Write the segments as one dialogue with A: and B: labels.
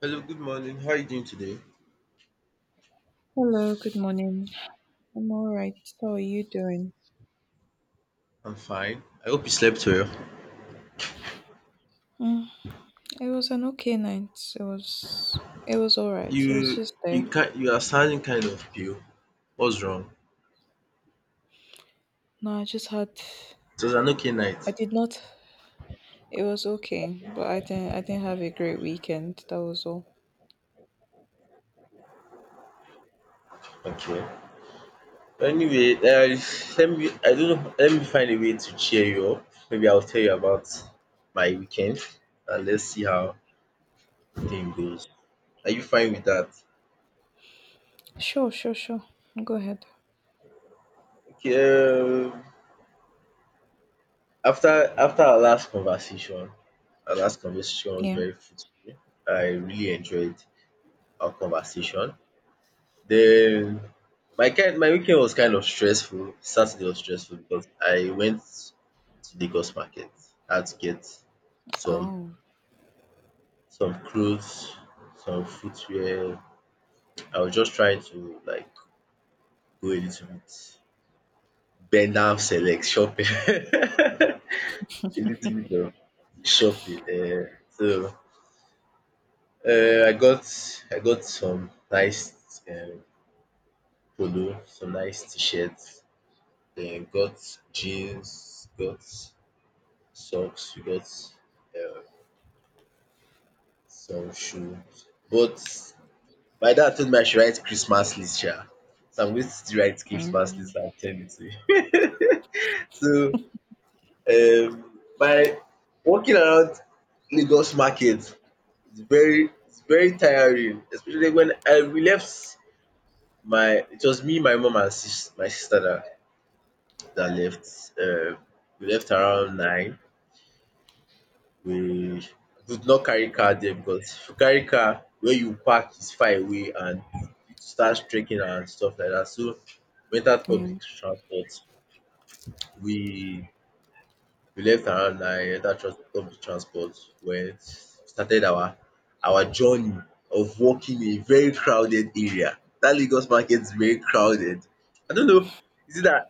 A: Hello, good morning. How are you doing today?
B: Hello, good morning. I'm all right. How are you doing?
A: I'm fine. I hope you slept well.
B: Mm, it was an okay night. It was all right. It was
A: You
B: just there.
A: you are sounding kind of pale. What's wrong?
B: No, I just had
A: It was an okay
B: I
A: night.
B: did not it was okay, but I didn't have a great weekend. That was all.
A: Okay. Anyway, let me, I don't know, let me find a way to cheer you up. Maybe I'll tell you about my weekend and let's see how the thing goes. Are you fine with that?
B: Sure, sure, sure. Go ahead.
A: Okay. After after our last conversation was
B: Yeah.
A: very fruitful. I really enjoyed our conversation. Then my weekend was kind of stressful. Saturday was stressful because I went to Lagos market. I had to get some
B: Oh.
A: some clothes, some footwear. I was just trying to like go a little bit bend down select shopping. A little bit of shopping. So um I got I got some nice polo, some nice t shirts. Then got jeans, got socks, you got, uh, some shoes. But my dad told me I should write Christmas list, yeah. So I'm going to still write Christmas list
B: Mm,
A: and send it to you. So by walking around Lagos market, it's very tiring, especially when I we left, my it was me, my mom and sis my sister that left. Uh, we left around 9. We do not carry car there because if you carry car, where you park is far away and it starts trekking and stuff like that. So we entered
B: yeah.
A: public transport. We we left around 9, entered public transport, went started our journey of walking in a very crowded area. That Lagos market is very crowded. I don't know, is it that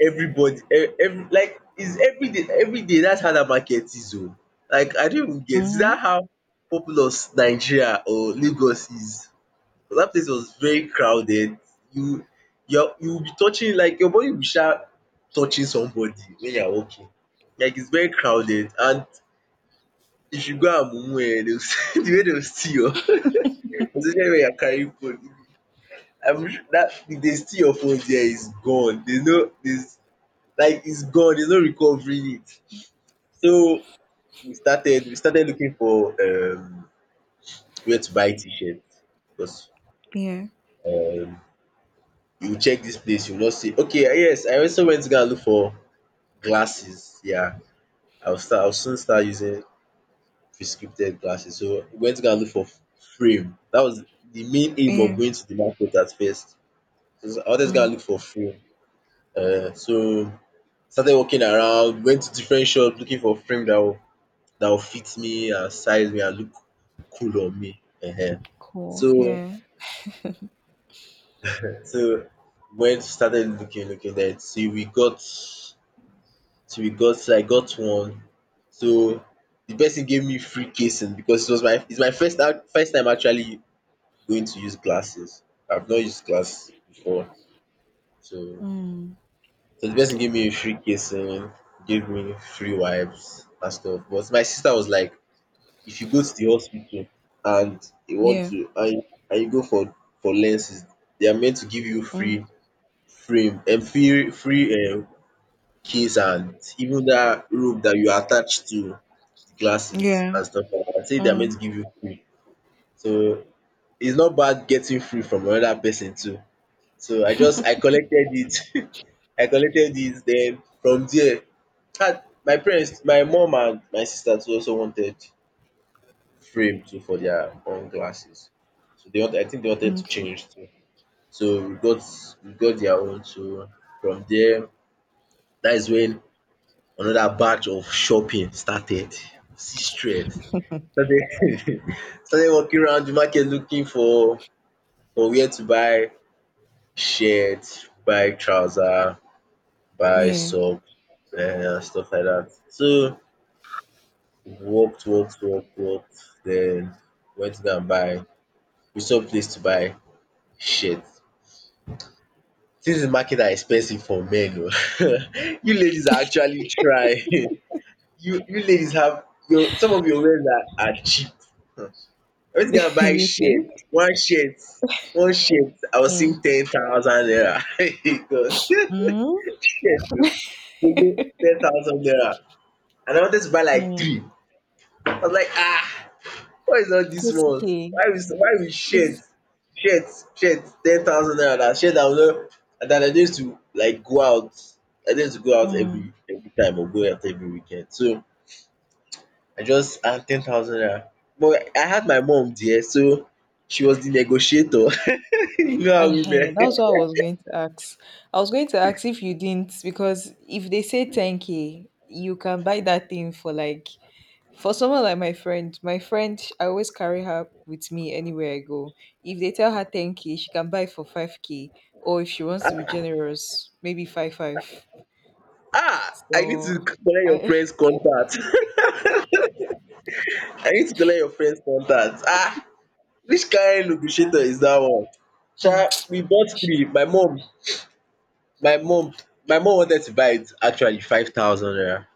A: everybody every, like, is everyday that's how that market is oh. Like I don't even get, is
B: Mm,
A: that how populous Nigeria or Lagos is? But that place was very crowded. You you will be touching, like your body will start touching somebody when you are walking. Like it's very crowded. And if you go amumu dey the way they will steal your especially when you are carrying phone. I'm su that if dey steal your phone, there is gone. There's no there's like it's gone. There's no recovering it. So we started looking for where to buy t-shirt, because
B: yeah.
A: you check this place you not see okay ah, yes, I also went to go and look for glasses, yeah. I'll soon start using prescripted glasses. So we went to go and look for frame. That was the main aim
B: Yeah.
A: of going to the market at first. So I wanted to go and
B: Mm,
A: look for frame. So started walking around, went to different shops looking for frame that will fit me and size me and look cool on me.
B: cool.
A: So
B: Yeah.
A: So when started looking, looking, then till we got I got one. So the person gave me free casing because it's my first out first time actually going to use glasses. I've not used glass before. So
B: Mm,
A: the person gave me a free casing, gave me free wipes and stuff. But my sister was like, if you go to the hospital, and you want
B: yeah.
A: to and you go for lenses, they are meant to give you
B: Mm,
A: free frame, free keys and even that rope that you attach to the glasses
B: yeah.
A: and stuff like that. I think they're meant
B: Mm,
A: to give you free. So it's not bad getting free from another person too. So I collected it. I collected it. Then from there had my parents, my mom and my sister too also wanted frame too for their own glasses. So they want I think they wanted to
B: okay.
A: change too. So we got their own. So from there, that is when another batch of shopping started. See stress. Started. Started walking around the market looking for where to buy shirt, buy trouser, buy
B: Yeah.
A: socks, stuff like that. So we walked, walked, walked, walked. Then went to go and buy we saw place to buy shirt. Things in market are expensive for men oo. You ladies are actually trying. You ladies have your some of your wears are cheap. I went to go and buy
B: You
A: shirt.
B: think?
A: One shirt I was
B: Mm.
A: seeing 10,000 naira. God.
B: Mm.
A: Shirt, oh, 10,000 naira, and I wanted to buy like
B: Mm,
A: three. I was like, ah, why is all this
B: it's
A: one?
B: okay.
A: Why we
B: It's
A: shirt shirt 10,000 naira na shirt I no. And that I need to go out
B: mm,
A: every time, or go out every weekend. So I just, and 10,000 naira. But I had my mom there, so she was the negotiator. You know
B: uh
A: how women...
B: That's what I was going to ask. I was going to ask if you didn't, because if they say 10K, you can buy that thing for like for someone like my friend. My friend, I always carry her with me anywhere I go. If they tell her 10K, she can buy for 5K, or if she wants to be generous, maybe 5 5.
A: ah, I need to
B: So,
A: collect your
B: I,
A: friend's contact. I need to collect your friend's contact, ah, which kain negotiator is that one? Sha
B: hmm,
A: we bought
B: sh-
A: three. My mom, my mom wanted to buy it actually 5,000 naira.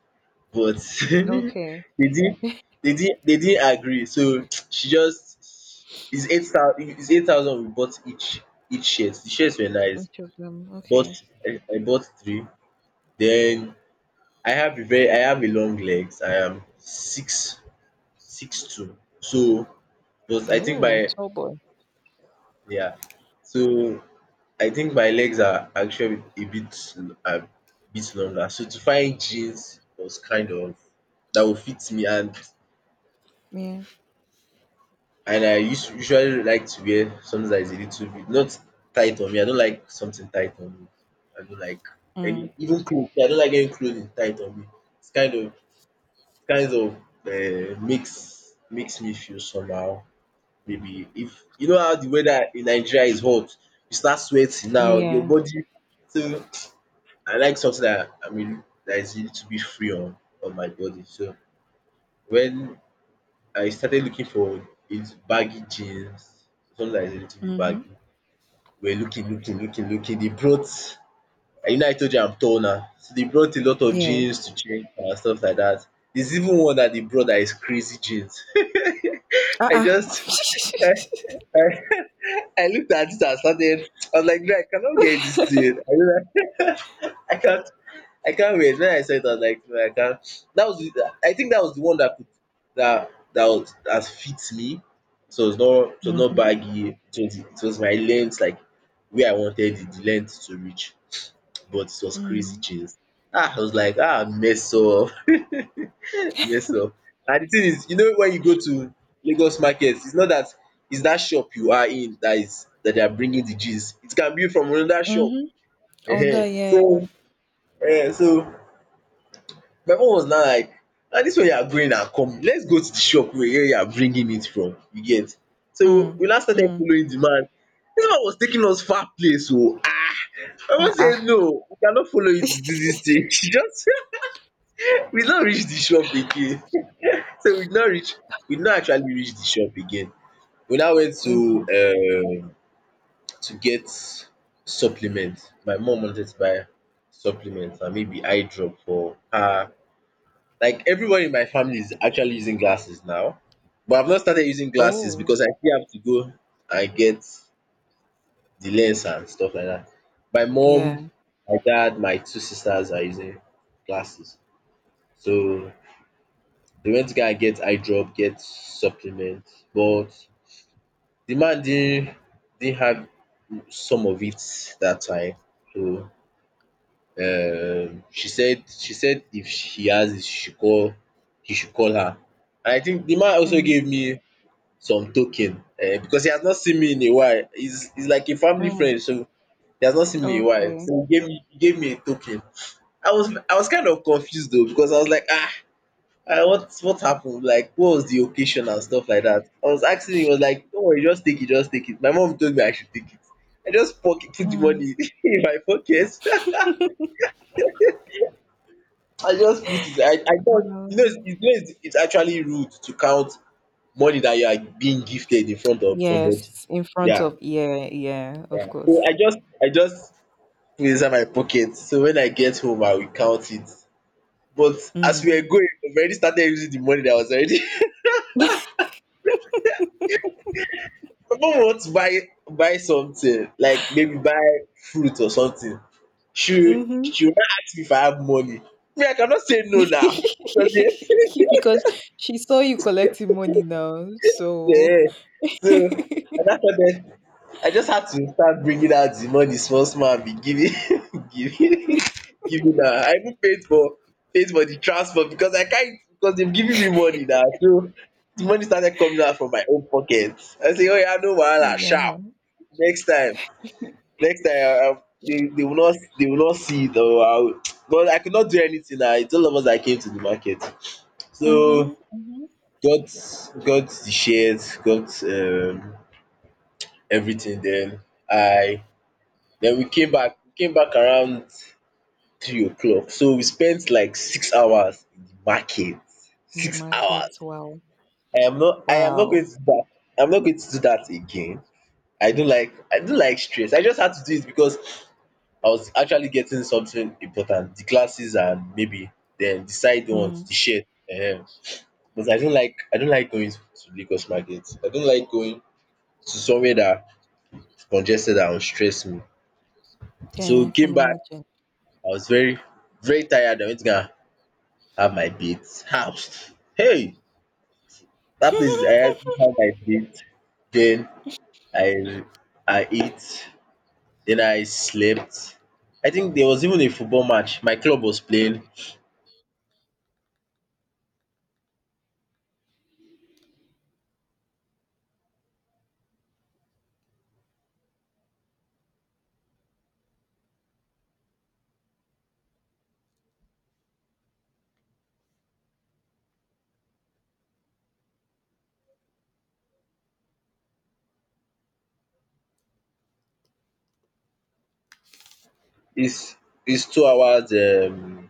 A: But
B: okay,
A: they didn't they didn't agree. So she just it's 8,000, it's 8,000 we bought each shirt. The shirts were nice.
B: each of them,
A: Bought
B: okay.
A: I bought three. Then I have a long legs. I am six six two. So but I think
B: Oh,
A: my,
B: tall boy,
A: yeah. So I think my legs are actually a bit a longer. So to find jeans was kind of that will fit me, and
B: yeah.
A: and I usually like to wear something that is a little bit not tight on me. I don't like something tight on me. I don't like
B: Mm.
A: any even clothes. I don't like any clothing tight on me. It's kind of makes me feel somehow. Maybe, if you know how the weather in Nigeria is hot, you start sweating now, your
B: Yeah.
A: body. So I like something that, I mean, that is a little bit free on my body. So when I started looking for, it's baggy jeans, something that is a little bit
B: Mhm.
A: baggy. We're looking, looking, looking, looking. They brought, I told you I'm tall now. So they brought a lot of
B: Yeah.
A: jeans to change and stuff like that. There's even one that they brought that is crazy jeans. I
B: Uh-uh.
A: just, I, I, I looked at it and started, I was like, "Guy, I cannot wear this thing. I, don't-" I can't I can't wait. When I saw it, I was like, no, I can't. I think that was the one that could, that fits me. So it's not, so was not
B: Mhm.
A: baggy. It was my length, like where I wanted the length to reach. But it was crazy
B: Mhm.
A: jeans. Ah, I was like, ah, mess up, mess up. And the thing is, when you go to Lagos markets, it's not that, it's that shop you are in that is, that they are bringing the jeans. It can be from another shop.
B: Mhm. Onda,
A: Ehen.
B: yeah.
A: So, so my own was now like, na dis one you are going, na come let's go to the shop wey where you are bringing it from, you get. So
B: Mm.
A: we now started
B: Mm.
A: following the man. Dis man was taking us far place oo. My mama say
B: Uh-uh.
A: no, we cannot follow you to do dis thing. She just, we no reach the shop again. so we no reach we no actually reach the shop again. We now went
B: Okay.
A: um to get supplement. My mum wanted to buy supplement and maybe eye drop for her. Like everyone in my family is actually using glasses now, but I've not started using glasses
B: Oh.
A: because I still have to go and get the lens and stuff like that. My mom,
B: Yeah.
A: my dad, my two sisters are using glasses. So they went to go and get eye drop, get supplements, but the man didn't have some of it that time. So she said if she has it, she should call he should call her. And I think the man also
B: Mm.
A: gave me some token, eh? Because he has not seen me in a while. He's like a family
B: Mm.
A: friend, so he has not seen me in a while.
B: Okay.
A: So he gave me a token. I was kind of confused though, because I was like, ah, what happened, like what was the occasion and stuff like that. I was asking him, he was like, don't worry, just take it, just take it. My mom told me I should take it. I just pocket put the
B: Mm.
A: money in my pocket. I just put it. I thought you know it's,
B: Um,
A: you know it's it's actually rude to count money that you are being gifted in front of somebody.
B: yes, in front
A: Yeah.
B: of, yeah, yeah, of
A: Yeah. So
B: course.
A: I just put inside my pocket. So when I get home, I will count it. But as we
B: Mm.
A: were going, we already started using the money that was already. My mom wants to buy something, like maybe buy fruit or something. She
B: Mm-hmm.
A: she will now ask me if I have money. Me, I cannot say no now. Because,
B: Because
A: yeah,
B: she saw you collecting money now, so
A: yeah. So and I just started I just had to start bringing out the money small small and be giving giving giving her. I even paid for the transport, because I can't, because they've given me money now. So the money started coming out from my own pocket. I say, oh yeah, no wahala sharp.
B: yeah.
A: Next time next time they will not, they will not see it, or I will. But I could not do anything na. It's all of us that came to the market. So
B: Mhm. Mhm.
A: got got the shares, got everything. I Then we came back, around 3 o'clock. So we spent like 6 hours in the market.
B: In the
A: 6 hours.
B: market, wow,
A: I am not going
B: wow.
A: to do that. I'm not going to do that again. I don't like stress. I just had to do it because I was actually getting something important. The classes, and maybe then the side ones,
B: Mm.
A: the shirt. um But I don't like going to Lagos market. I don't like going to somewhere that is congested and will stress me. So
B: Yeah, I
A: we
B: can
A: came back.
B: imagine.
A: I was very, very tired. I went to go and have my bath, house. Hey, that place I actually have my bath. Then I I ate. Then I slept. I think there was even a football match. My club was playing. It's it's 2 hours,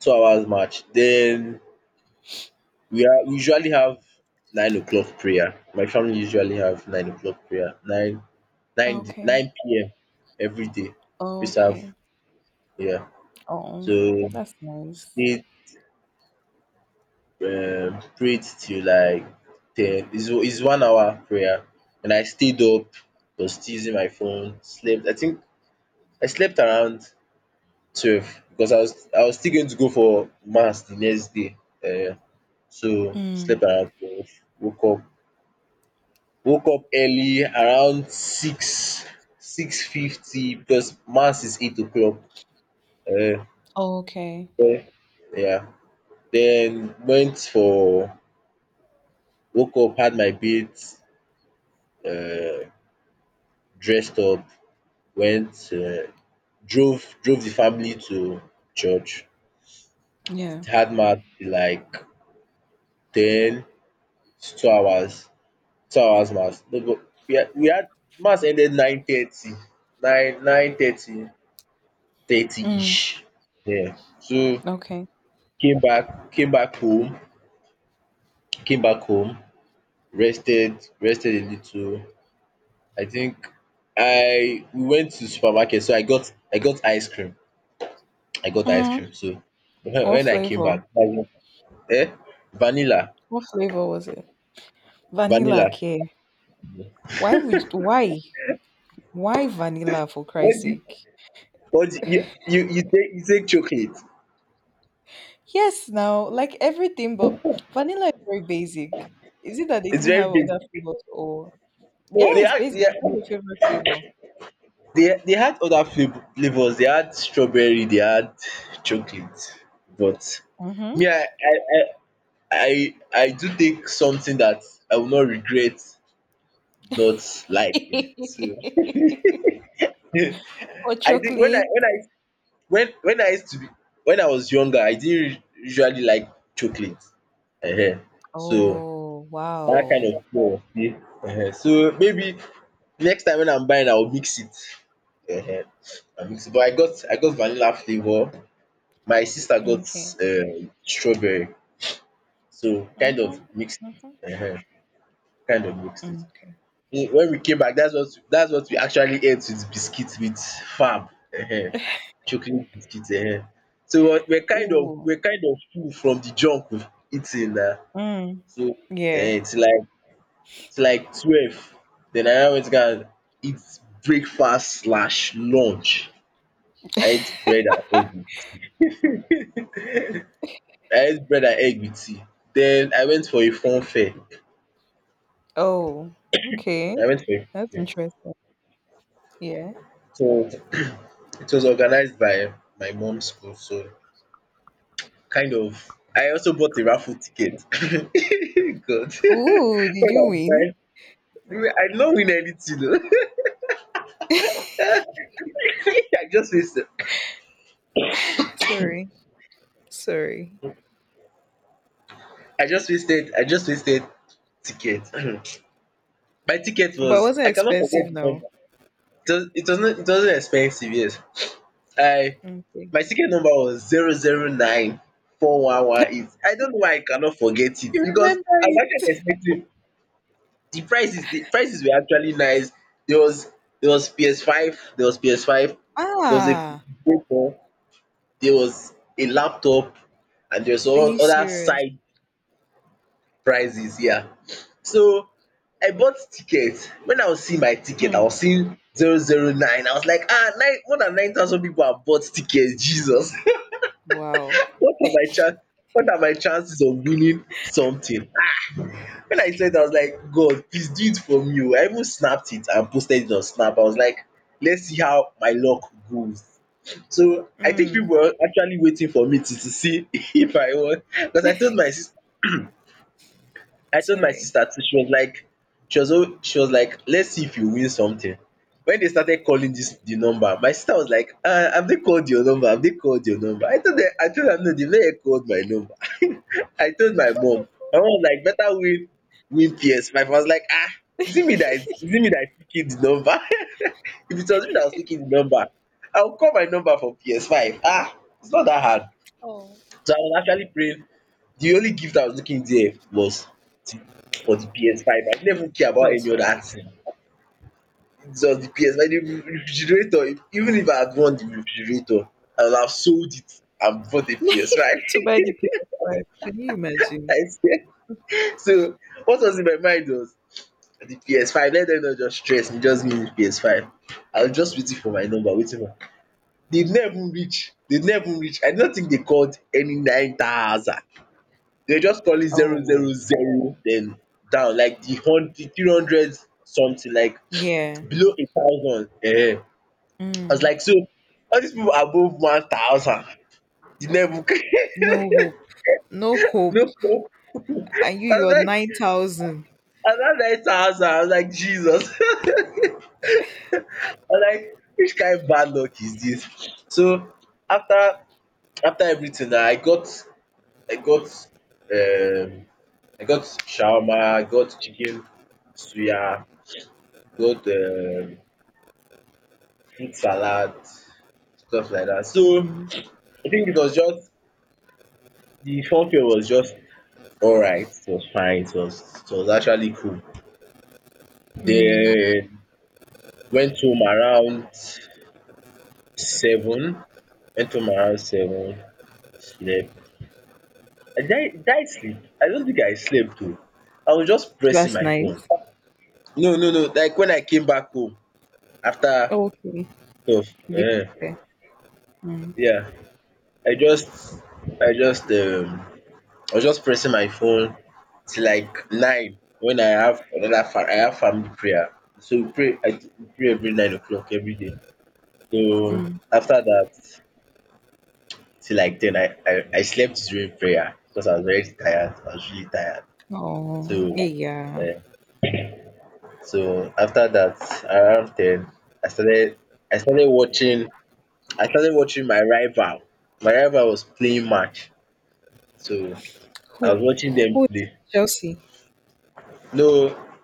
A: 2 hours match. Then we usually have 9 o'clock prayer. My family usually have 9 o'clock prayer. Nine nine
B: Okay.
A: nine p.m. every day. We used to have,
B: Okay.
A: yeah.
B: Oh,
A: So
B: that's nice.
A: stay, prayed till like 10, is 1 hour prayer, and I stayed up, was still using my phone, slept I think I slept around 12, because I was still going to go for mass the next day, uh, so
B: Mm.
A: slept around 12, woke up woke up early around 6, 6:50, because mass is 8 o'clock. Uh,
B: Okay.
A: then, yeah, then went for woke up, had my bath. Uh. Dressed up, went, uh, drove the family to church.
B: Yeah.
A: Had mass till like 10, to two hours, 2 hours mass. No, but we had mass ended 9:30, nine thirty,
B: Mm.
A: thirty-ish. Yeah. So
B: Okay.
A: came back came back home, came back home, rested a little. I think I we went to supermarket, so I got ice cream. I got ice
B: Mm.
A: cream. So when
B: What
A: when I came
B: flavor?
A: back, eh? Vanilla,
B: What flavor was it? Vanilla.
A: vanilla.
B: Okay. Why would why? Why vanilla for
A: What
B: Christ's
A: do you,
B: sake?
A: what do you take chocolate?
B: Yes, now like everything, but vanilla is very basic. Is it that they
A: It's
B: didn't
A: very
B: have other
A: basic.
B: flavors, or
A: No,
B: yeah,
A: they
B: it's
A: had
B: basic.
A: they
B: It's not your favorite flavor.
A: they, they had other flavors. They had strawberry. They had chocolate. But me, I I do take something that I will not regret not liking. So
B: Mm-hmm. Or
A: I think when I
B: chocolate?
A: when I when I used to be when I was younger, I didn't usually like chocolate. Ehen. So
B: Oh,
A: that kind
B: wow.
A: of thing was dey. Ehen. So maybe next time when I'm buying, I will mix it. Ehen. I mix it. But I got vanilla flavour. My sister got
B: Okay.
A: strawberry. So kind of
B: Mhm.
A: mixed
B: Mhm.
A: it. Ehen. Kind of mixed it.
B: Okay.
A: Eh, when we came back, that's what we actually ate with biscuits, with Fab. Ehen. Chocolate biscuits. Ehen. So we're we're kind of
B: Oh.
A: we're kind of full from the junk we've eaten na.
B: Mm.
A: So
B: Yeah.
A: till like, it's like 12, then I now went to go and eat breakfast slash lunch. I ate bread and egg with I ate bread and egg with tea. Then I went for a fun fair.
B: Oh, okay.
A: I went for a fun
B: That's
A: fair.
B: interesting. Yeah.
A: So it was organized by my mom's school, so kind of. I also bought a raffle ticket. God.
B: Ooh, did
A: When I
B: you
A: was
B: win?
A: buying, I did not win anything oh. I just wasted
B: Sorry. Sorry.
A: I just wasted ticket. My ticket
B: But it
A: was,
B: wasn't
A: I cannot forget
B: expensive
A: the
B: now.
A: number. It wasn't expensive, yes. I
B: Okay.
A: My ticket number was 0094118. I don't know why I cannot forget it,
B: You
A: because
B: remember
A: I was
B: it?
A: actually expecting. The prices were actually nice. There was there was PS5, there was PS5, there was a
B: Ah,
A: Vita, there was a laptop, and there was
B: are you
A: other
B: serious?
A: side prizes. Yeah. So, I bought tickets. When I was seeing my ticket, I was
B: Mm.
A: seeing 009. I was like, ah, nine, more than 9,000 people have bought tickets, Jesus.
B: Wow.
A: What are my chan what are my chances of winning something? When I saw it, I was like, "God, please do it for me, oh." I even snapped it and posted it on Snap. I was like, let's see how my luck goes. So I think
B: Mm,
A: people were actually waiting for me to, see, if I won, because I told my sister I told my
B: sorry.
A: sister too. She was like, she was like, "Let's see if you win something." When they started calling this the number, my sister was like, "Ah, have they called your number? Have they called your number?" I told her, "No, they've not called my number." I told my mom. My mom was like, "Better win PS5." I was like, "Ah, is it me that is picking the number?" If it was me that was picking the number, I will call my number for PS5. Ah, it's not that hard.
B: Oh.
A: So I was actually praying, the only gift I was looking there was the for the PS5. I didn't even care about any
B: PS5.
A: other thing. It's just the PS5. The refrigerator, even if I had won the refrigerator, I would have sold it and bought the PS5.
B: To buy the PS5. Can you imagine?
A: I swear. So, what was in my mind was the PS5. Let them not just stress me, just give me the PS5. I was just waiting for my number, waiting for, they never reach. I don't think they called any 9,000. They just call it zero
B: Oh.
A: zero zero, then down like the hun 300 something, like
B: Yeah.
A: below a thousand. I was
B: Mm.
A: like, so all these people above 1,000 dey never,
B: No hope. No
A: no,
B: hope.
A: no,
B: And you,
A: I was
B: you're
A: like
B: 9,000.
A: around 9,000, I was like, Jesus. I was like, which kind of bad luck is this? So after after everything, now I got um I got shawarma, I got chicken suya, got eat salad, stuff like that. So
B: Mm.
A: I think it was just, the funfair was just alright. It was fine. It was actually cool.
B: Mm.
A: Then went home around 7. Went home around seven. Slept. I did, I did I sleep? I don't think I slept though. I was just pressing
B: Last
A: my phone.
B: night.
A: No, no, no, like when I came back home after
B: Okay.
A: stuff,
B: Deep.
A: um
B: Okay. Mm.
A: yeah. I just I just um I was just pressing my phone till like nine, when I have family prayer. So we pray every 9 o'clock every day. So
B: Mm.
A: after that till like 10, I slept during prayer, because I was very tired. I was really tired.
B: Oh,
A: So
B: yeah.
A: eh, so after that, around 10, I started I started watching I started watching my rival. My rival was playing match. So I
B: Who?
A: was watching them
B: Who?
A: play.
B: Chelsea.
A: No,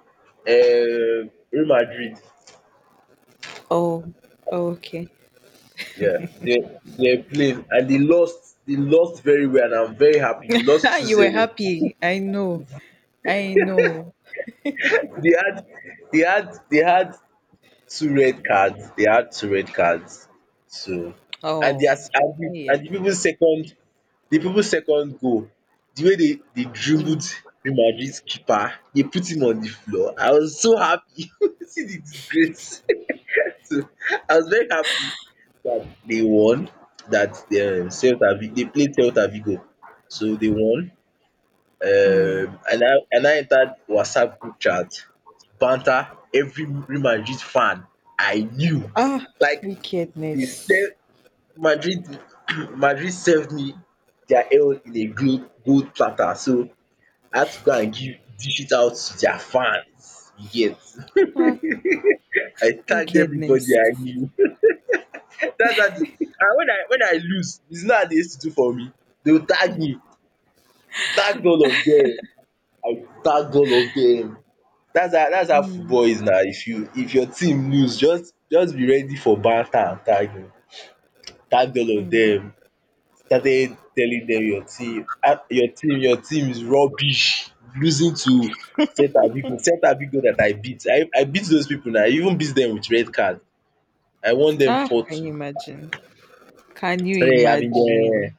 A: Real Madrid.
B: Oh, okay.
A: Yeah, they played and they lost very well, and I'm very happy. They lost two
B: You were
A: zero.
B: happy. I know. I know.
A: They had they had Two red cards. They had two red cards. So and their
B: Oh,
A: s- and the,
B: yeah.
A: and the people's second, goal, the way they dribbled
B: Mm.
A: Real Madrid's keeper, they put him on the floor. I was so happy. See the disgrace. So I was very happy that they won. That, they played Celta Vigo, so they won.
B: Mm.
A: And I entered WhatsApp group chat to banter every Real Madrid fan I knew.
B: Ah,
A: Like, they
B: wickedness.
A: serve Madrid Madrid served me their own in a gold platter, so I had to go and give dish it out to their fans, you get.
B: Ah,
A: I tagged everybody
B: wickedness.
A: I knew. That's how the And when I lose, it's not how they used to do for me? They will tag me, tagged all of them. I tagged all of them. That's how
B: Mm.
A: football is now. If your team lose, just be ready for banter and tagging. Tag all of
B: Mm.
A: them. Started telling them your team your team is rubbish. Losing to Celta Vigo. Celta Vigo that I beat. I beat those people na. I even beat them with red card. I won them
B: Ah, can
A: 4-2.
B: you imagine? Can you
A: Started having their
B: imagine?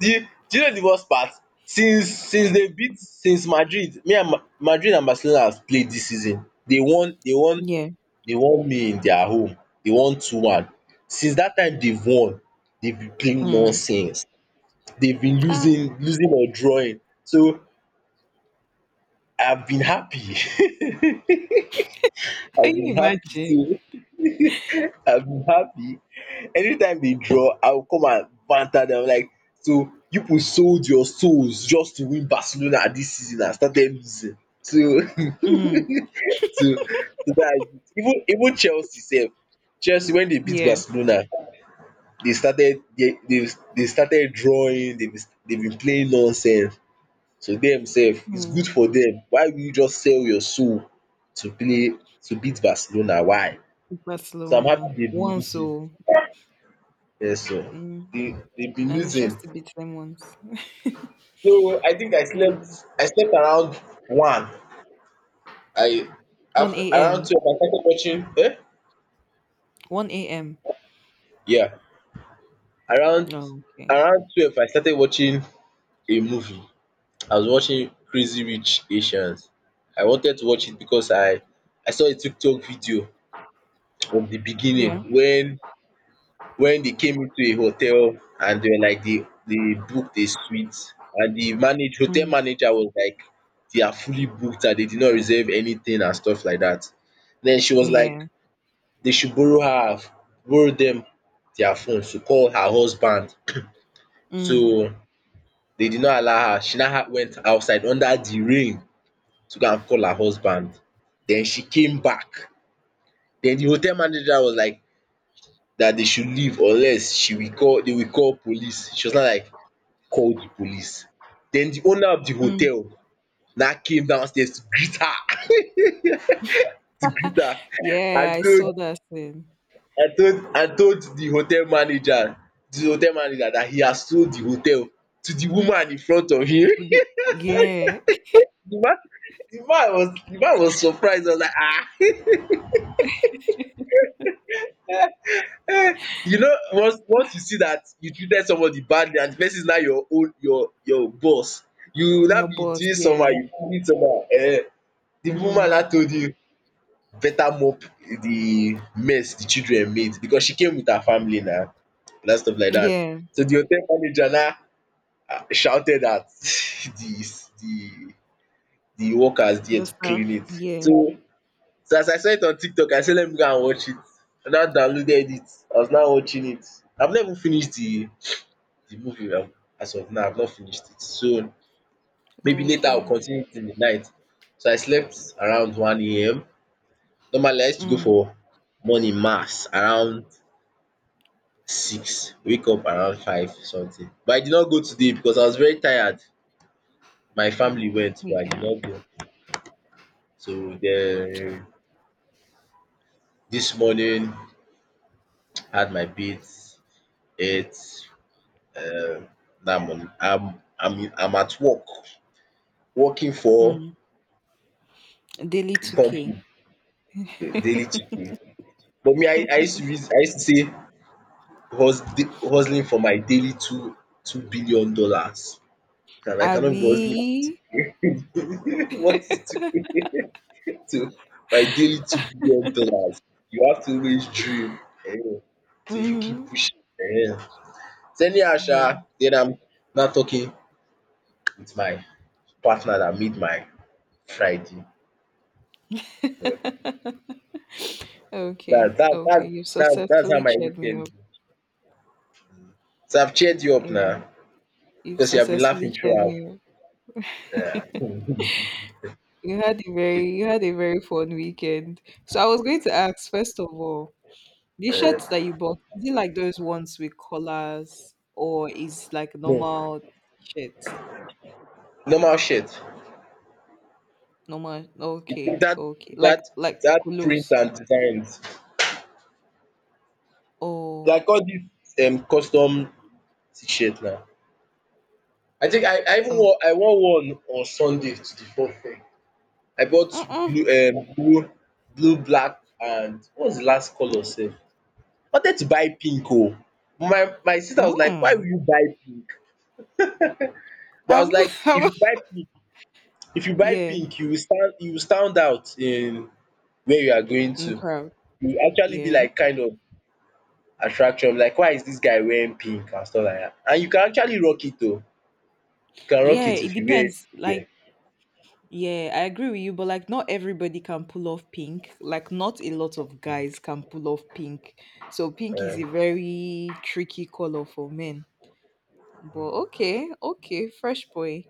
A: Do you know the worst part? Since they beat since Madrid, me and Ma Madrid and Barcelona have played this season.
B: Yeah.
A: They want me in their home. They want 2-1. Since that time they've won, they've been playing
B: Mm.
A: nonsense, they've been
B: Ah,
A: losing or drawing, so I've been happy.
B: can
A: I've been
B: you
A: happy,
B: imagine?
A: so I've been happy anytime they draw. I will come and banter them like, so you people sold your souls just to win Barcelona this season and started losing, so
B: Mm.
A: so dats it. Even Chelsea sef, Chelsea, when they beat
B: Yeah.
A: Barcelona, they started they started drawing, they've been playing nonsense, so dem sef it's good
B: Mm.
A: for them. Why will you just sell your soul to play to beat Barcelona, why? So I'm
B: Barcelona.
A: happy they've been
B: Once
A: losing,
B: oh.
A: yes o,
B: Mm.
A: they've been
B: And it's
A: losing.
B: just to beat them once.
A: So I think I
B: Yeah.
A: slept, I slept around one. I After
B: 1
A: around
B: a.m.
A: 12 I started watching. Eh?
B: 1 a.m.
A: Yeah, around
B: Oh, okay.
A: 12 I started watching a movie. I was watching Crazy Rich Asians. I wanted to watch it because I saw a TikTok video from the beginning,
B: Yeah.
A: when they came into a hotel, and they were like they booked a suite, and the manage hotel
B: Mm.
A: manager was like they are fully booked and they did not reserve anything and stuff like that. Then she was like
B: Yeah.
A: they should borrow them their phone to call her husband.
B: Mm.
A: So they did not allow her. She now went outside under the rain to go and call her husband. Then she came back. Then the hotel manager was like that they should leave, unless she will call they will call police. She was not like call the police. Then the owner of the
B: Mm.
A: hotel now came downstairs to greet her to greet her. I
B: Yeah, I
A: told
B: saw that thing.
A: I told the hotel manager that he has sold the hotel to the woman in front of him.
B: Yeah.
A: The man the man was surprised. He was like, ah, um you know, once you see that you treated somebody badly and the person is now your boss, you will now
B: Your
A: be
B: boss,
A: doing somehow,
B: yeah.
A: you feeling somehow, the woman
B: Mm.
A: now told you better mop the mess the children made because she came with her family now, and stuff like that.
B: Yeah.
A: So the hotel manager now shouted at the workers there
B: The
A: to
B: staff,
A: clean it.
B: yeah.
A: So So as I saw it on TikTok, I say let me go and watch it. I now downloaded it. I was now watching it. I've not even finished the movie. As of now, I've not finished it. So maybe later I'll
B: Okay.
A: continue it in the night. So I slept around one AM. Normally I used to go
B: Mm.
A: for morning mass around 6, wake up around 5 something. But I did not go today because I was very tired. My family
B: Oh,
A: went but I did
B: yeah.
A: not go. So then this morning, had my bath, ate, um that money. I'm at work, working for
B: Mm. Daily
A: a
B: 2K.
A: company, the daily 2. But me, I used to say hustling for my daily two two billion dollars. And I cannot be hustling
B: Abby.
A: what is to to my daily $2 billion. You have to always dream, um till you keep
B: Mm-hmm.
A: pushing. um. So anyhow
B: Yeah.
A: sha, then I'm not talking with my partner that made my Friday. Eh.
B: Okay.
A: That that that
B: Okay. You've
A: that's how
B: successfully
A: my
B: cheered me
A: weekend.
B: up.
A: So I've cheered you up
B: Yeah.
A: now
B: You've
A: because you have been
B: successfully
A: laughing
B: cheered
A: throughout.
B: me up.
A: Yeah.
B: You had a
A: Shit.
B: very you had a very fun weekend. So I was going to ask, first of all, the shirts that
A: Uh,
B: you bought, is it like those ones with collars or is like
A: no,
B: normal shirt?
A: normal shit.
B: Normal,
A: You think
B: okay,
A: that
B: okay. Like
A: that
B: like
A: print
B: polos.
A: and designs,
B: Oh
A: like all these custom t-shirt now. I think
B: oh
A: I wore one on Sunday to the fourth fair. I bought
B: mm-mm,
A: blue, blue, black, and what was the last color sef? Wanted to buy pink oh. My sister was like why will
B: mm.
A: you buy pink? But I was
B: Um,
A: like, if you buy pink,
B: yeah,
A: you will stand out in where you are going
B: in the
A: to.
B: crowd.
A: You will actually be
B: Yeah,
A: like kind of attraction, like why is this guy wearing pink and stuff like that. And you can actually rock it though. You can rock
B: yeah.
A: it
B: It
A: if you wear
B: depends. Like,
A: it
B: yeah, I agree with you, but like, not everybody can pull off pink. Like, not a lot of guys can pull off pink. So pink is
A: well.
B: a very tricky color for men. But okay, okay, fresh boy,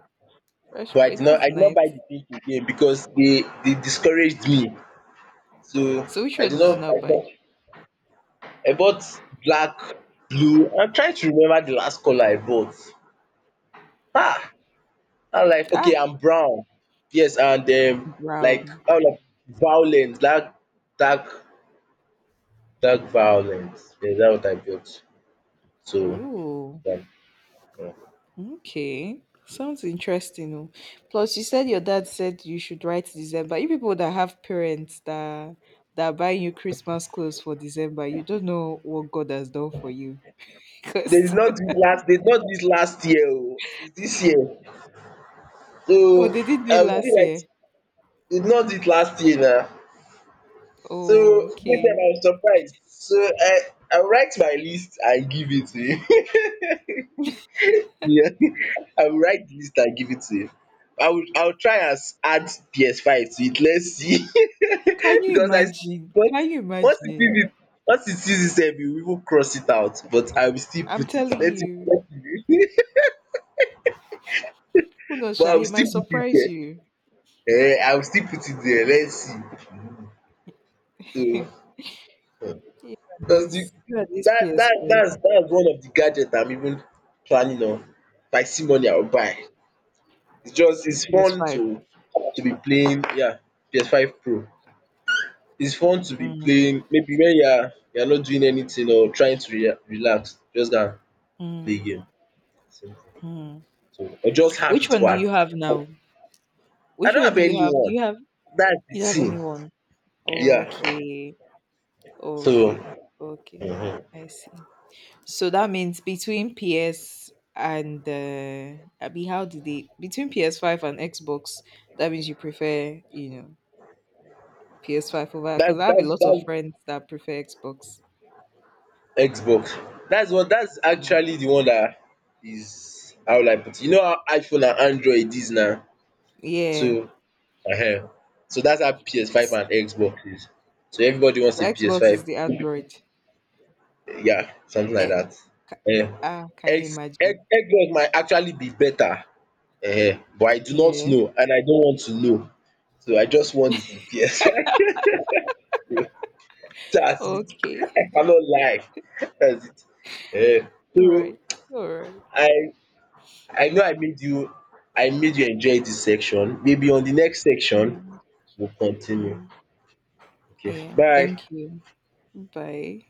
B: fresh
A: But
B: boy. That's
A: I did not buy
B: nice.
A: the pink again because they discouraged me. So
B: So which
A: I
B: one
A: did
B: did you
A: not
B: not buy?
A: I bought black, blue. I'm trying to remember the last colour I bought. Ah. I'm like, okay,
B: Ah,
A: I'm brown. Yes, and like
B: brown.
A: all of, like dark, dark, dark violence. Yeah, that what I built. So,
B: Oh.
A: yeah. Yeah.
B: Okay. Sounds interesting. Oh. Plus, you said your dad said you should write December. You people that have parents that buy you Christmas clothes for December, you don't know what God has done for you.
A: They did not do it last year. Oh, it's this year.
B: Because
A: So
B: oh, they didn't do it
A: I was
B: last
A: still like,
B: year.
A: they did not do it last year now. So
B: Oh,
A: this time
B: okay.
A: I was surprised. So I write my list and give it to you. Yeah. I will write the list and give it to you. I will try and add PS5 to it. Let's see.
B: Can you
A: Because
B: imagine?
A: once
B: Can you
A: once it
B: imagine?
A: sees it once it sees itself, we will even cross it out. But I will still
B: I'm
A: put it.
B: telling
A: Let
B: you.
A: it be.
B: Who knows,
A: But
B: Sha?
A: I will
B: He might
A: still put it
B: surprise
A: there.
B: you.
A: Eh, I will still put it there. Let's see. So
B: you and
A: that's the,
B: you and this PS4,
A: that's one of the gadget I'm even planning on. If I see money, I will buy. It's just it's fun
B: PS5.
A: to be playing, yeah, PS5 Pro. It's fun to be
B: Mm, okay.
A: playing maybe when you are not doing anything or trying to relax, just go and play
B: Mm,
A: game. Simple.
B: mm.
A: So or just have
B: Which
A: it
B: one do
A: one.
B: you have now?
A: I
B: Which
A: don't
B: one
A: have
B: do you have? Do
A: anyone,
B: you have
A: that's the
B: you have
A: thing.
B: anyone?
A: Yeah.
B: Okay,
A: So
B: okay, okay. I see. So that means between PS and Abby, how did they between PS5 and Xbox? That means you prefer, PS5 over
A: that
B: because I have a lot of
A: that
B: friends that prefer Xbox.
A: that Xbox. That's one, that's actually the one that is, how will I put it? You know how iPhone and Android is now?
B: Yeah,
A: So um so that's how PS5
B: S-
A: and Xbox is. So everybody wants
B: so
A: a
B: Xbox is
A: PS5.
B: the Android.
A: Yeah, something like
B: Eh,
A: that.
B: ca-
A: Um,
B: ah, can you imagine?
A: egg yolk might actually be better, but I do not
B: Yeah.
A: know and I don't want to know. So I just want the best. That's it.
B: Okay.
A: I cannot lie. That's it.
B: All
A: So
B: right. All right.
A: I I know I made you I made you enjoy this section. Maybe on the next
B: Yeah.
A: section we'll continue.
B: Mm.
A: Okay,
B: Yeah.
A: bye.
B: Thank you. Bye.